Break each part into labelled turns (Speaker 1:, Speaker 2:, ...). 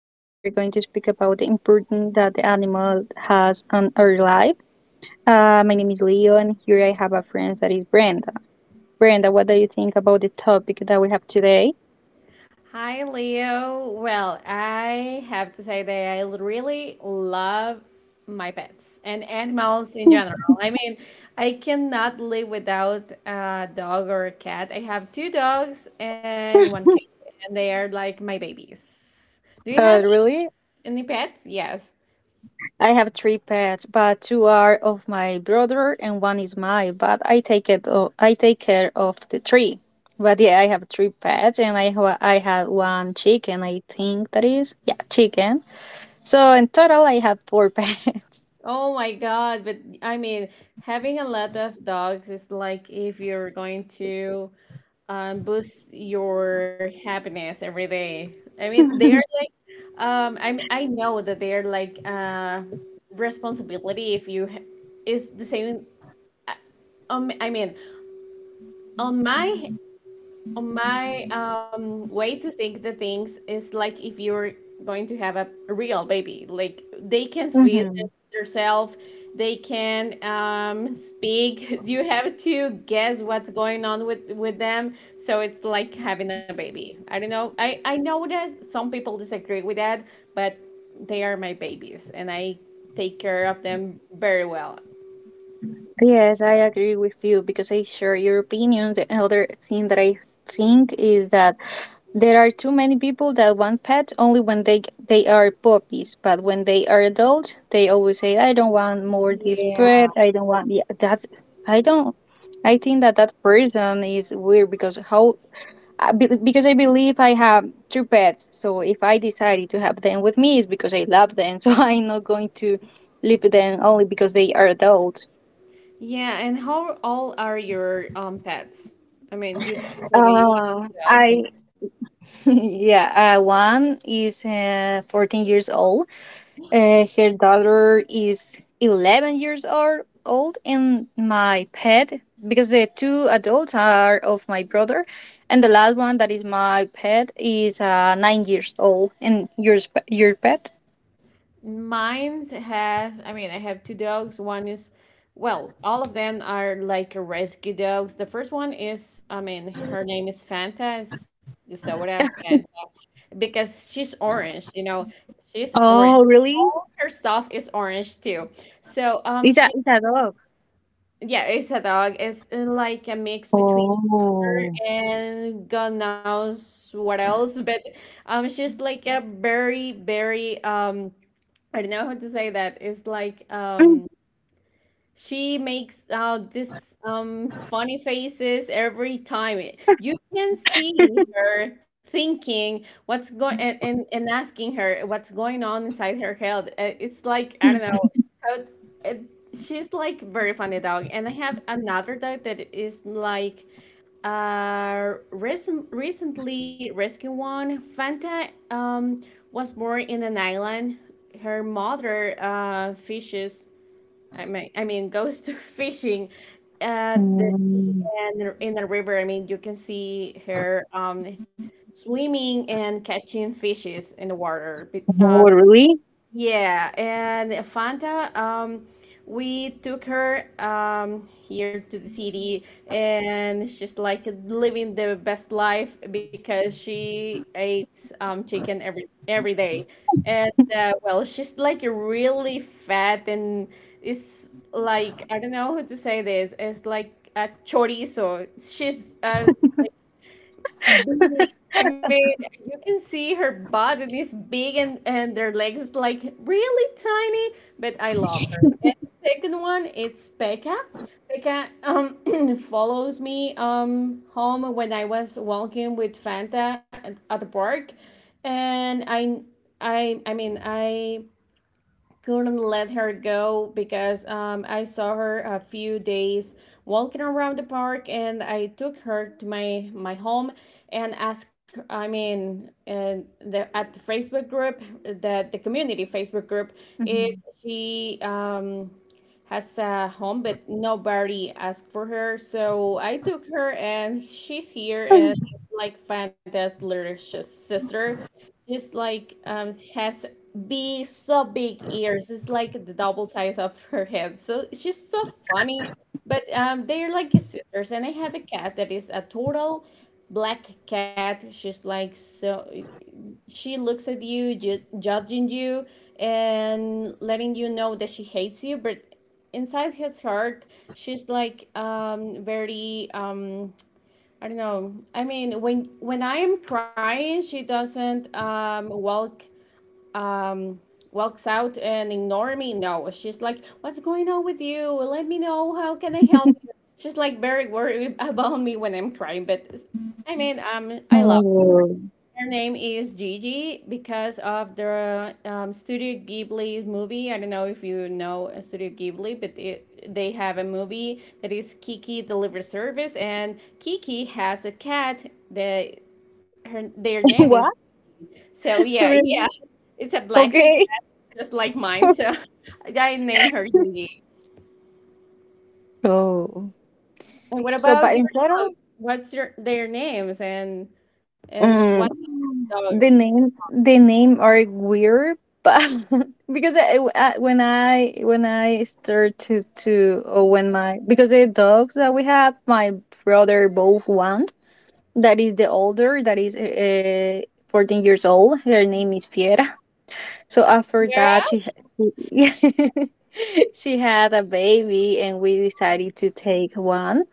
Speaker 1: Today, we're going to speak about the importance that the animal has on our life. My name is Leo, and here I have a friend that is Brenda. Brenda, what do you think about the topic that we have today?
Speaker 2: Hi, Leo. Well, I have to say that I really love my pets and animals in general. I mean, I cannot live without a dog or a cat. I have two dogs and one cat, and they are like my babies. Do you have
Speaker 1: Really?
Speaker 2: any pets? Yes.
Speaker 1: I have three pets, but two are of my brother and one is mine. But I take it. I take care of the three. But yeah, I have three pets, and I have one chicken. I think that is yeah, chicken. So in total, I have four pets.
Speaker 2: Oh my God. But I mean, having a lot of dogs is like if you're going to boost your happiness every day. I mean, they are like, I mean, I know that they're like responsibility, if you ha- is the same. I- I mean, on my way to think the things is like if you're going to have a real baby, like they can feed
Speaker 1: Hmm.
Speaker 2: themselves, they can speak. You have to guess what's going on with them, so it's like having a baby. I don't know. I know that some people disagree with that, but they are my babies, and I take care of them very well.
Speaker 1: Yes, I agree with you because I share your opinion. The other thing that I think is that there are too many people that want pets only when they are puppies, but when they are adults, they always say, "I don't want more this
Speaker 2: Yeah.
Speaker 1: pet. I don't want yeah." That's I don't. I think that that person is weird because how because I believe I have three pets. So if I decided to have them with me, it's because I love them. So I'm not going to leave them only because they are adults.
Speaker 2: Yeah, and how all are your pets? I mean, you say that you have two dogs.
Speaker 1: I yeah, one is 14 years old. Her daughter is 11 years old, and my pet, because the two adults are of my brother, and the last one that is my pet is 9 years old. And yours, your pet?
Speaker 2: And mine's has, I mean, I have two dogs. One is, well, all of them are like rescue dogs. The first one is, I mean, her name is Fanta, is the soda Fanta, because she's orange, she's orange.
Speaker 1: Oh really?
Speaker 2: All her stuff is orange too. So
Speaker 1: It's
Speaker 2: she
Speaker 1: a dog.
Speaker 2: Yeah, it's a dog. It's like a mix between boxer
Speaker 1: Oh.
Speaker 2: and God knows what else. But she's like a very, very I don't know how to say that. It's like um. She makes this funny faces every time. You can see her thinking what's going and asking her what's going on inside her head. It's like I don't know how it, she's like very funny dog. And I have another dog that is like recently rescued one. Fanta was born in an island. Her mother fishes, I mean, goes to fishing at the sea
Speaker 1: Mm.
Speaker 2: and in the river. I mean, you can see her swimming and catching fishes in the water.
Speaker 1: Oh really?
Speaker 2: Yeah, and Fanta, we took her here to the city, and she's like living the best life because she eats chicken every day. And well, she's like really fat and is like I don't know how to say this. It's like a chorizo. She's big. I mean, you can see her butt it is big, and their legs like really tiny, but I love her. And the second one, it's Becca. Becca follows me home when I was walking with Fanta at the park, and I mean, I couldn't let her go because I saw her a few days walking around the park, and I took her to my home and asked. I mean, and at the Facebook group, the community Facebook group, if
Speaker 1: Mhm.
Speaker 2: she has a home, but nobody asked for her. So I took her, and she's here, and it's like Fanta's little sister. She's like has be so big ears. It's like the double size of her head. So it's just so funny. But they're like sisters, and I have a cat that is a total black cat. She's like so. She looks at you, judging you, and letting you know that she hates you. But inside his heart, she's like very I don't know. I mean, when I am crying, she doesn't walk um walks out and ignore me. No, she's like, what's going on with you? Let me know, how can I help you? She's like very worried about me when I'm crying. But I mean, I love.
Speaker 1: Oh.
Speaker 2: Her name is Gigi because of the Studio Ghibli movie. I don't know if you know Studio Ghibli, but they have a movie that is Kiki the Liver Service, and Kiki has a cat that her their name is
Speaker 1: What?
Speaker 2: yeah.
Speaker 1: Really?
Speaker 2: Yeah, it's a black
Speaker 1: Okay.
Speaker 2: just like mine. So I named her Yuji.
Speaker 1: Oh.
Speaker 2: And what
Speaker 1: So, but
Speaker 2: about
Speaker 1: in
Speaker 2: your
Speaker 1: general,
Speaker 2: dogs? What's your their names, and
Speaker 1: mm,
Speaker 2: what's the dogs?
Speaker 1: the name are weird, but because when I start to or when my because the dogs that we have, my brother both want. That is the older. That is 14 years old. Her name is Fiera. So after
Speaker 2: Yeah.
Speaker 1: that, she she had a baby, and we decided to take one.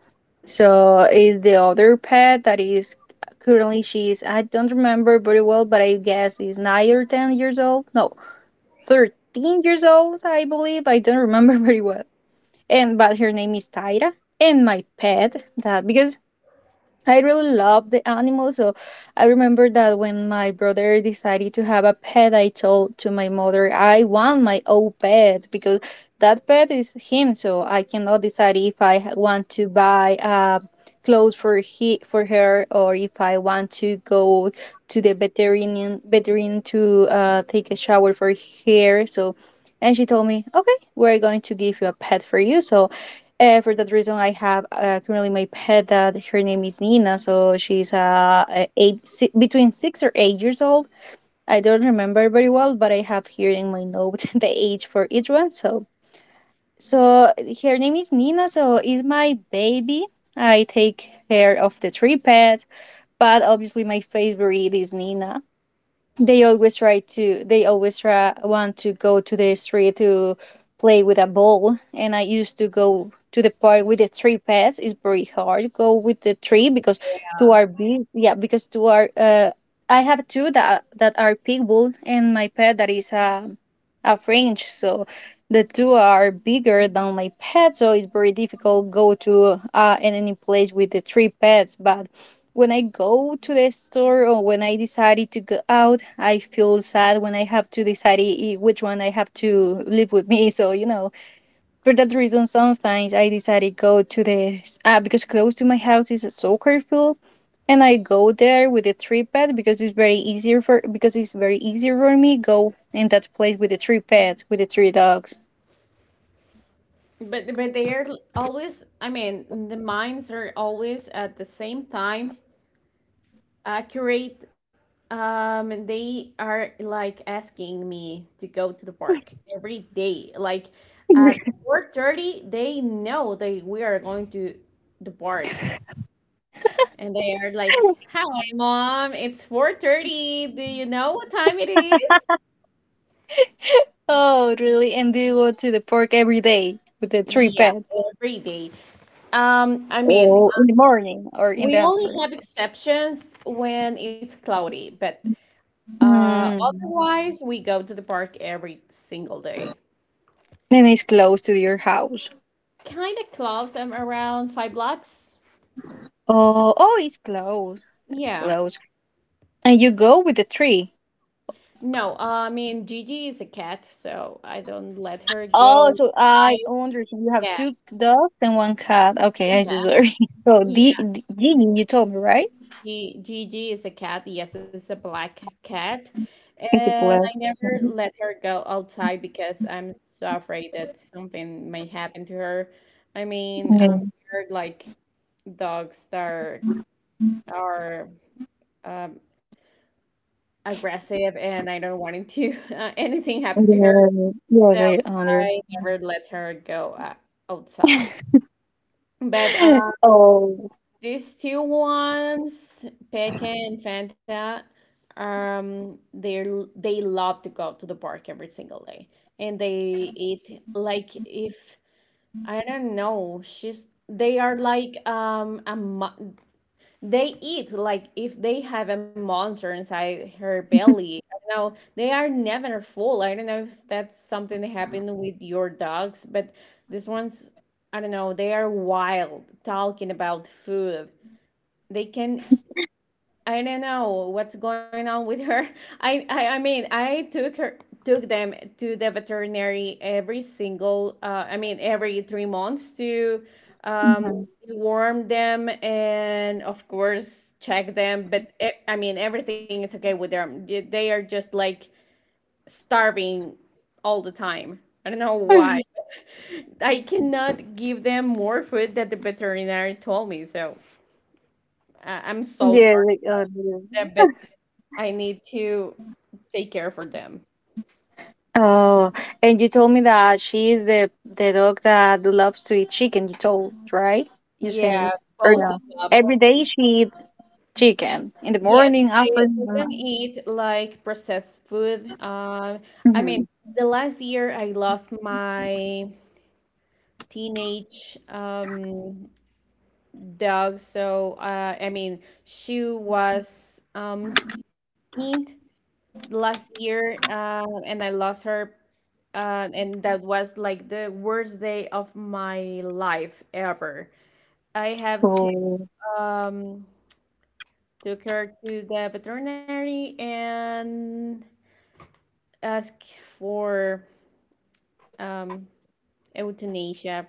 Speaker 1: So is the other pet that is currently she is I don't remember very well, but I guess is 9 or 10 years old. No, 13 years old, I believe. I don't remember very well. And but her name is Tyra. And my pet that because I really love the animals. So I remember that when my brother decided to have a pet, I told to my mother, I want my own pet because that pet is him. So I cannot decide if want to buy clothes for he for her or if I want to go to the veterinarian to take a shower for her. So and she told me, okay, we're going to give you a pet for you. So for that reason, I have currently my pet that her name is Nina. So she's a eight, between 6 or 8 years old. I don't remember very well, but I have here in my note the age for each one. So her name is Nina. So is my baby. I take care of the three pets, but obviously my favorite is Nina. They always try to they always want to go to the street to play with a ball, and I used to go to the park with the three pets. It's very hard to go with the three because two are big, yeah, because two are uh, I have two that are pit bull and my pet that is a french, so the two are bigger than my pet, so it's very difficult go to in any place with the three pets. But when I go to the store or when I decided to go out, I feel sad when I have to decide which one I have to live with me. So you know, for that reason, sometimes I decided go to the because close to my house is a soccer field. And I go there with the three pet because it's very easier for because it's very easier for me go in that place with the three pets with the three dogs.
Speaker 2: But they are always. I mean, the minds are always at the same time accurate. And they are like asking me to go to the park every day. Like at 4:30, they know that we are going to the park. And they are like, "Hi, mom. It's 4:30. Do you know what time it is?"
Speaker 1: Oh, really? And do you go to the park every day with the three
Speaker 2: Yeah,
Speaker 1: pet?
Speaker 2: every day. I mean,
Speaker 1: Or in the morning. Or in the
Speaker 2: we only
Speaker 1: afternoon?
Speaker 2: have exceptions when it's cloudy, but
Speaker 1: Hmm.
Speaker 2: otherwise we go to the park every single day.
Speaker 1: Then it's close to your house.
Speaker 2: Kind of close. I'm around 5 blocks.
Speaker 1: Oh, oh, it's close. It's
Speaker 2: Yeah.
Speaker 1: close. And you go with the tree.
Speaker 2: No, I mean Gigi is a cat, so I don't let her
Speaker 1: Oh,
Speaker 2: go
Speaker 1: so I
Speaker 2: outside.
Speaker 1: understand. You have
Speaker 2: Yeah,
Speaker 1: two dogs and one cat. Okay, I just
Speaker 2: yeah,
Speaker 1: sorry. So,
Speaker 2: yeah.
Speaker 1: Gigi, you told me, right?
Speaker 2: G Gigi is a cat. Yes, it's a black cat.
Speaker 1: It's a
Speaker 2: And I
Speaker 1: black.
Speaker 2: never let her go outside because I'm so afraid that something may happen to her. I mean,
Speaker 1: Yeah.
Speaker 2: they're like dogs that are um, aggressive, and I don't want it to anything happen to her.
Speaker 1: Yeah. Yes,
Speaker 2: So
Speaker 1: I under.
Speaker 2: I never let her go outside. But um,
Speaker 1: Oh.
Speaker 2: These two ones, Pekka and Fanta, um, they they love to go to the park every single day, and they eat like if I don't know, she's they are like they eat like if they have a monster inside her belly. I don't know, they are never full. I don't know if that's something that happened with your dogs, but this one's, I don't know, they are wild. Talking about food, they can, I don't know what's going on with her. I mean, I took them to the veterinary every single I mean, every 3 months to um
Speaker 1: Hmm.
Speaker 2: warm them, and of course check them, but e I mean, everything is okay with them. They are just like starving all the time. I don't know why. I cannot give them more food that the veterinarian told me, so I'm so
Speaker 1: Yeah,
Speaker 2: sorry
Speaker 1: like, under.
Speaker 2: them, but I need to take care for them.
Speaker 1: Oh, and you told me that she is the dog that loves to eat chicken. You told, right? You say
Speaker 2: Yeah,
Speaker 1: or
Speaker 2: both
Speaker 1: no?
Speaker 2: clubs.
Speaker 1: Every day she eats chicken in the
Speaker 2: Yeah,
Speaker 1: morning,
Speaker 2: they don't
Speaker 1: afternoon.
Speaker 2: eat like processed food. Um, I
Speaker 1: Mm-hmm.
Speaker 2: mean, the last year I lost my teenage dog, so I mean, she was 16th last year, and I lost her. And that was like the worst day of my life ever. I have
Speaker 1: So
Speaker 2: um, took her to the veterinary and asked for um, euthanasia.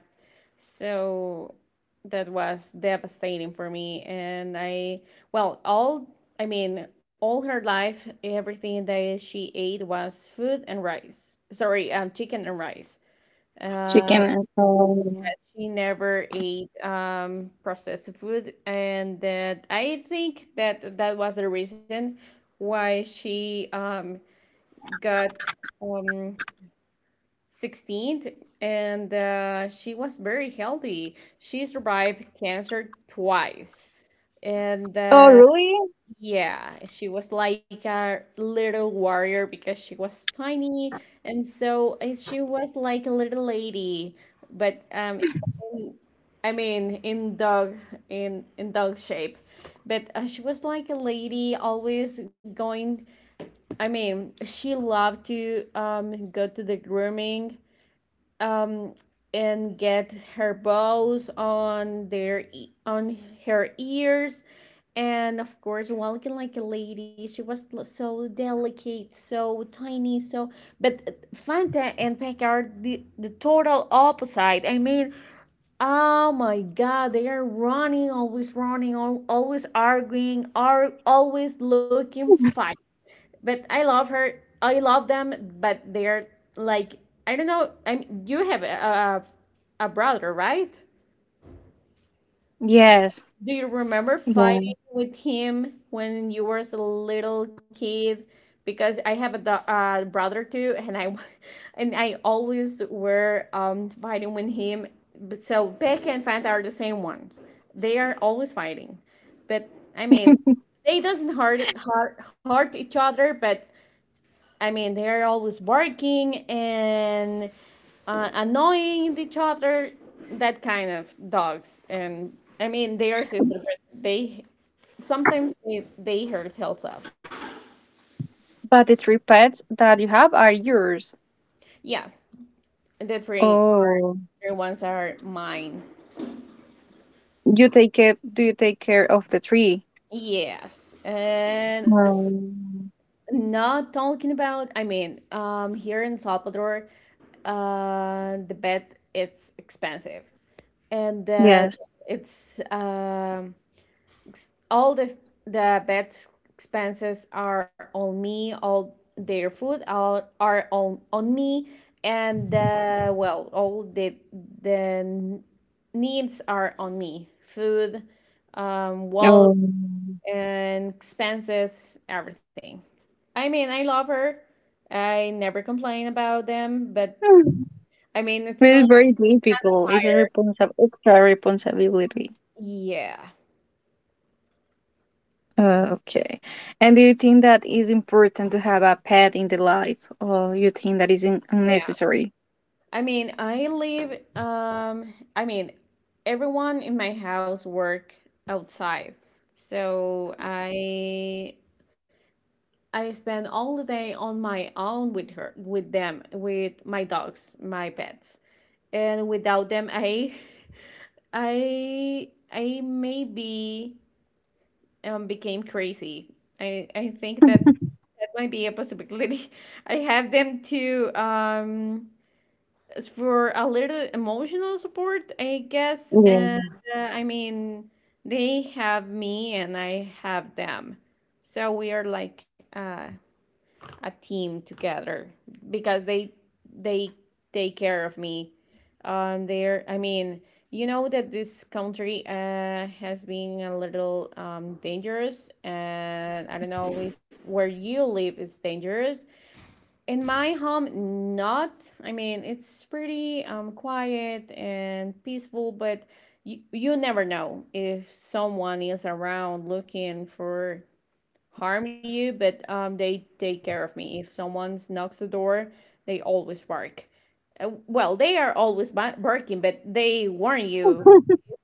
Speaker 2: So that was devastating for me. And I, well, I mean, all her life, everything that she ate was food and rice. Sorry, chicken and rice. Um,
Speaker 1: chicken and so.
Speaker 2: She never ate processed food, and that I think that that was the reason why she got um, 16, and she was very healthy. She survived cancer twice, and
Speaker 1: Oh, really?
Speaker 2: yeah, she was like a little warrior because she was tiny, and so she was like a little lady. But in- I mean, in dog shape, but she was like a lady, always going. I mean, she loved to go to the grooming um, and get her bows on her ears, and of course walking like a lady. She was so delicate, so tiny, so but Fanta and peck the total opposite. I mean, oh my God, they are running, always running, always arguing, are always looking fight, but I love her. I love them, but they're like I don't know. I mean, you have a brother, right?
Speaker 1: Yes.
Speaker 2: Do you remember
Speaker 1: Yeah.
Speaker 2: fighting with him when you were a little kid? Because I have a brother too, and I and I always were fighting with him. But so Becca and Fanta are the same ones. They are always fighting, but I mean, they doesn't hurt each other, but I mean, they're always barking and annoying each other. That kind of dogs, and I mean, they are sisters, but they sometimes they hurt health up.
Speaker 1: But the three pets that you have are yours.
Speaker 2: Yeah, the three
Speaker 1: Oh,
Speaker 2: other ones are mine.
Speaker 1: you take it. Do you take care of the three?
Speaker 2: Yes, and
Speaker 1: Um,
Speaker 2: not talking about. I mean, here in Salvador, the bed it's expensive, and
Speaker 1: yes.
Speaker 2: it's all the vet's expenses are on me, all their food all are on me, and well, all the needs are on me, food, wallet
Speaker 1: Oh.
Speaker 2: and expenses, everything. I mean, I love her, I never complain about them, but I mean it's a
Speaker 1: It's
Speaker 2: little
Speaker 1: very difficult. It's a
Speaker 2: tired.
Speaker 1: extra responsibility.
Speaker 2: Yeah,
Speaker 1: Okay. And do you think that is important to have a pet in the life, or you think that is
Speaker 2: yeah.
Speaker 1: unnecessary?
Speaker 2: I mean, I live, I mean, everyone in my house work outside. So I spend all the day on my own with her, with them, with my dogs, my pets. And without them, I I maybe became crazy. I think that might be a possibility. I have them to as for a little emotional support, I guess. And
Speaker 1: Yeah.
Speaker 2: I mean, they have me and I have them. So we are like a team together because they take care of me. They're I mean, you know that this country has been a little dangerous, and I don't know if where you live is dangerous, in my home, not. I mean, it's pretty quiet and peaceful, but you never know if someone is around looking for harm you, but they take care of me. If someone knocks the door, they always bark. Well, they are always barking, but they warn you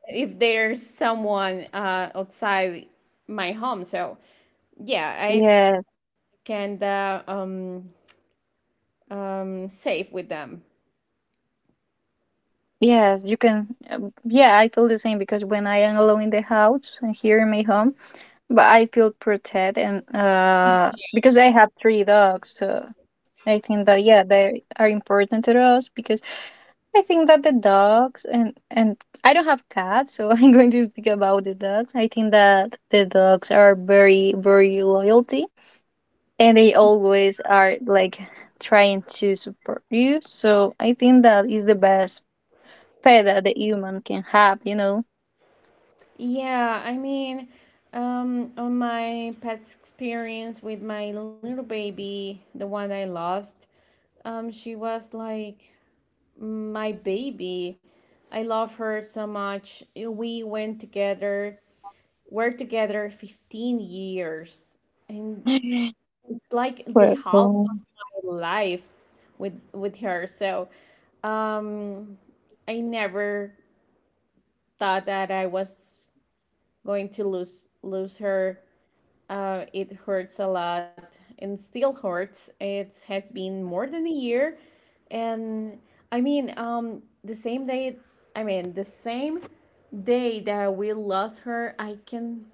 Speaker 2: if there's someone outside my home. So, yeah, I
Speaker 1: Yeah.
Speaker 2: can safe with them.
Speaker 1: Yes, you can. Yeah, I feel the same because when I am alone in the house and here in my home, but I feel protected and because I have three dogs. So I think that yeah, they are important to us because I think that the dogs and I don't have cats, so I'm going to speak about the dogs. I think that the dogs are very loyalty and they always are like trying to support you. So I think that is the best pet that the human can have, you know.
Speaker 2: Yeah, I mean, on my past experience with my little baby, the one I lost, she was like my baby. I love her so much. We went together, were together 15 years, and it's like the
Speaker 1: Well,
Speaker 2: half of
Speaker 1: oh,
Speaker 2: my life with her. So, um, I never thought that I was going to lose her. It hurts a lot and still hurts. It has been more than a year, and I mean, the same day. I mean, the same day that we lost her, I can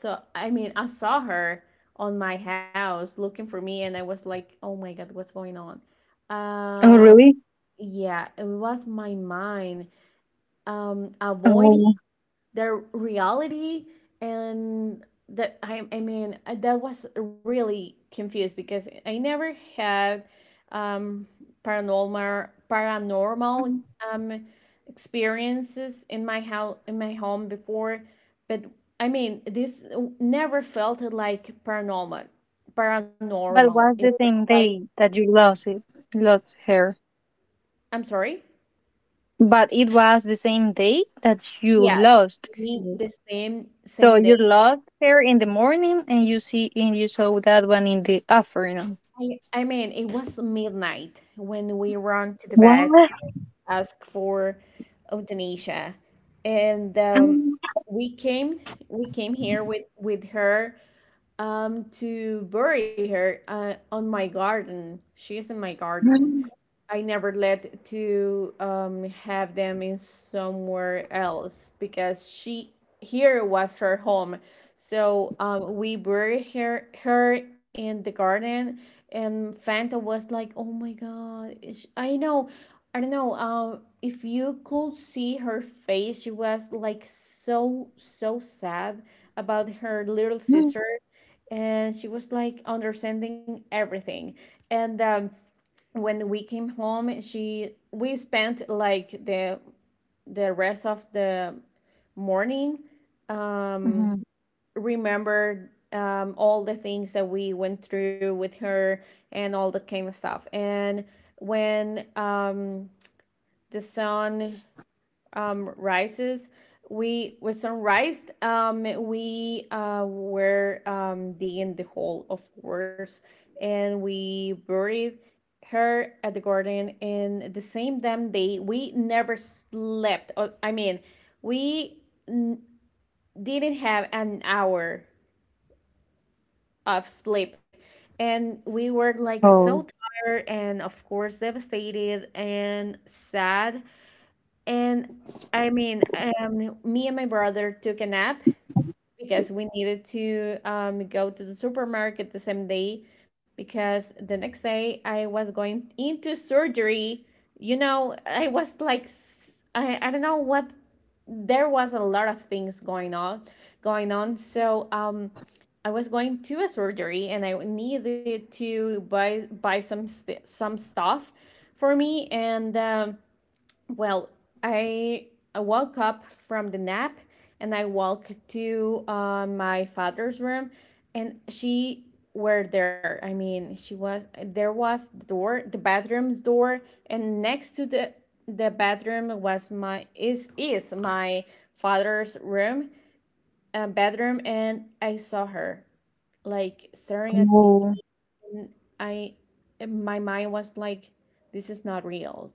Speaker 2: so I mean, I saw her on my house looking for me, and I was like, oh my God, what's going on?
Speaker 1: oh,
Speaker 2: Uh,
Speaker 1: really?
Speaker 2: yeah, it was my mind avoiding
Speaker 1: Oh.
Speaker 2: their reality and that I mean that was really confused because I never had um, paranormal um, experiences in my house in my home before, but I mean this never felt like paranormal.
Speaker 1: But
Speaker 2: Paranormal. It
Speaker 1: what's
Speaker 2: was
Speaker 1: the same
Speaker 2: like
Speaker 1: day that you lost it? Lost her.
Speaker 2: I'm sorry.
Speaker 1: But it was the same day that you
Speaker 2: Yeah,
Speaker 1: lost. Mhm.
Speaker 2: the same,
Speaker 1: So
Speaker 2: same
Speaker 1: you
Speaker 2: day.
Speaker 1: lost her in the morning and you saw that one in the afternoon.
Speaker 2: I mean, it was midnight when we run to the
Speaker 1: What?
Speaker 2: bed ask for euthanasia, and we came we came here with her to bury her on my garden. She is in my garden,
Speaker 1: Mhm.
Speaker 2: I never let to have them in somewhere else because she here was her home. So we buried her in the garden, and Fanta was like, "Oh my God, is- I know, I don't know. If you could see her face, she was like so sad about her little sister, and she was like understanding everything, and." When we came home she we spent like the rest of the morning um
Speaker 1: Mhm.
Speaker 2: remembered all the things that we went through with her and all the kind of stuff and when the sun rices. We with some rice, we were digging the hole, of course, and we buried her at the garden. And the same damn day, we never slept. I mean, we didn't have an hour of sleep, and we were like so tired and, of course, devastated and sad and I mean, me and my brother took a nap because we needed to go to the supermarket the same day because the next day I was going into surgery. You know, I was like, I don't know what, there was a lot of things going on, going on. So I was going to a surgery and I needed to buy some stuff for me and. Well, I, I woke up from the nap and I walked to my father's room and she were there. I mean, she was there was the door, the bathroom's door and next to the bedroom was my is my father's room, bedroom and I saw her like staring at me and I my mind was like this is not real.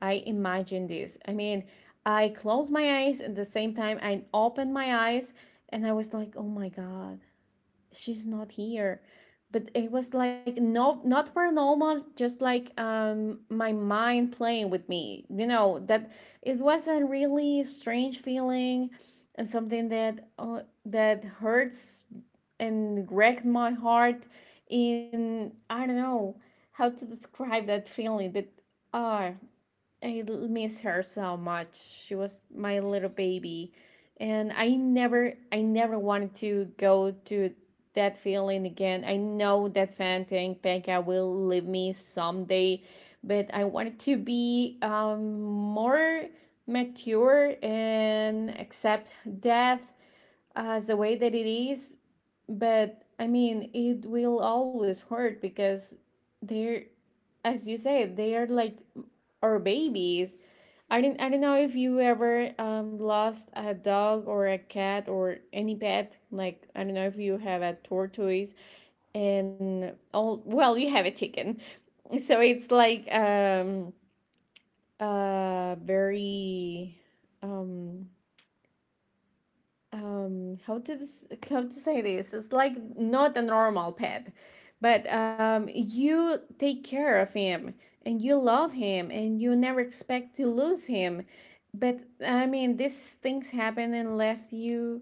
Speaker 2: I imagine this. I mean, I closed my eyes at the same time I opened my eyes and I was like, oh my God, she's not here but it was like no not paranormal just like my mind playing with me you know that it was a really strange feeling and something that that hurts and wrecked my heart in I don't know how to describe that feeling but uh I miss her so much. She was my little baby, and I never wanted to go to that feeling again. I know that Fantan Pekka will leave me someday, but I wanted to be more mature and accept death as the way that it is. But I mean, it will always hurt because they're, as you say, they are like our babies. I didn't. I don't know if you ever lost a dog or a cat or any pet. Like I don't know if you have a tortoise and all well you have a chicken so it's like very um how to this, how to say this it's like not a normal pet but you take care of him and you love him and you never expect to lose him but I mean these things happen and left you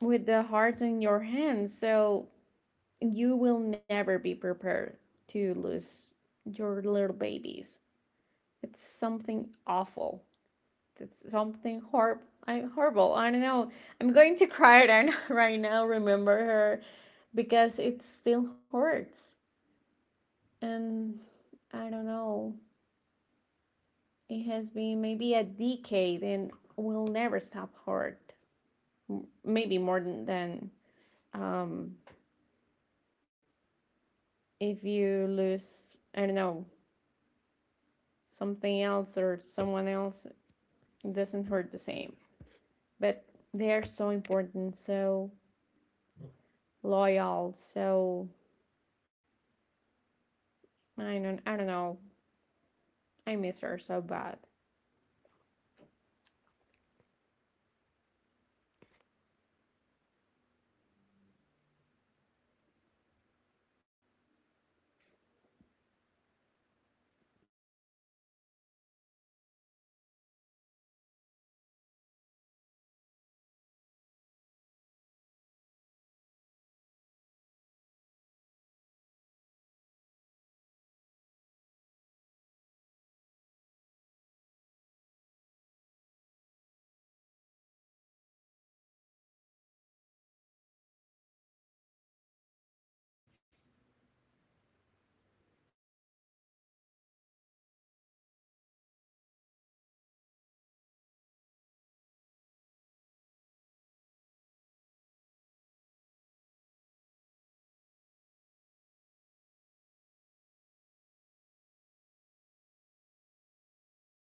Speaker 2: with the heart in your hands so you will never be prepared to lose your little babies. It's something awful. It's something horrible. I'm horrible. I don't know. I'm going to cry right now, right Remember her, because it still hurts. And I don't know. It has been maybe a decade, and will never stop hurt. Maybe more than um, if you lose. I don't know something else or someone else. It doesn't hurt the same. But they are so important, so loyal, so I don't know. I miss her so bad.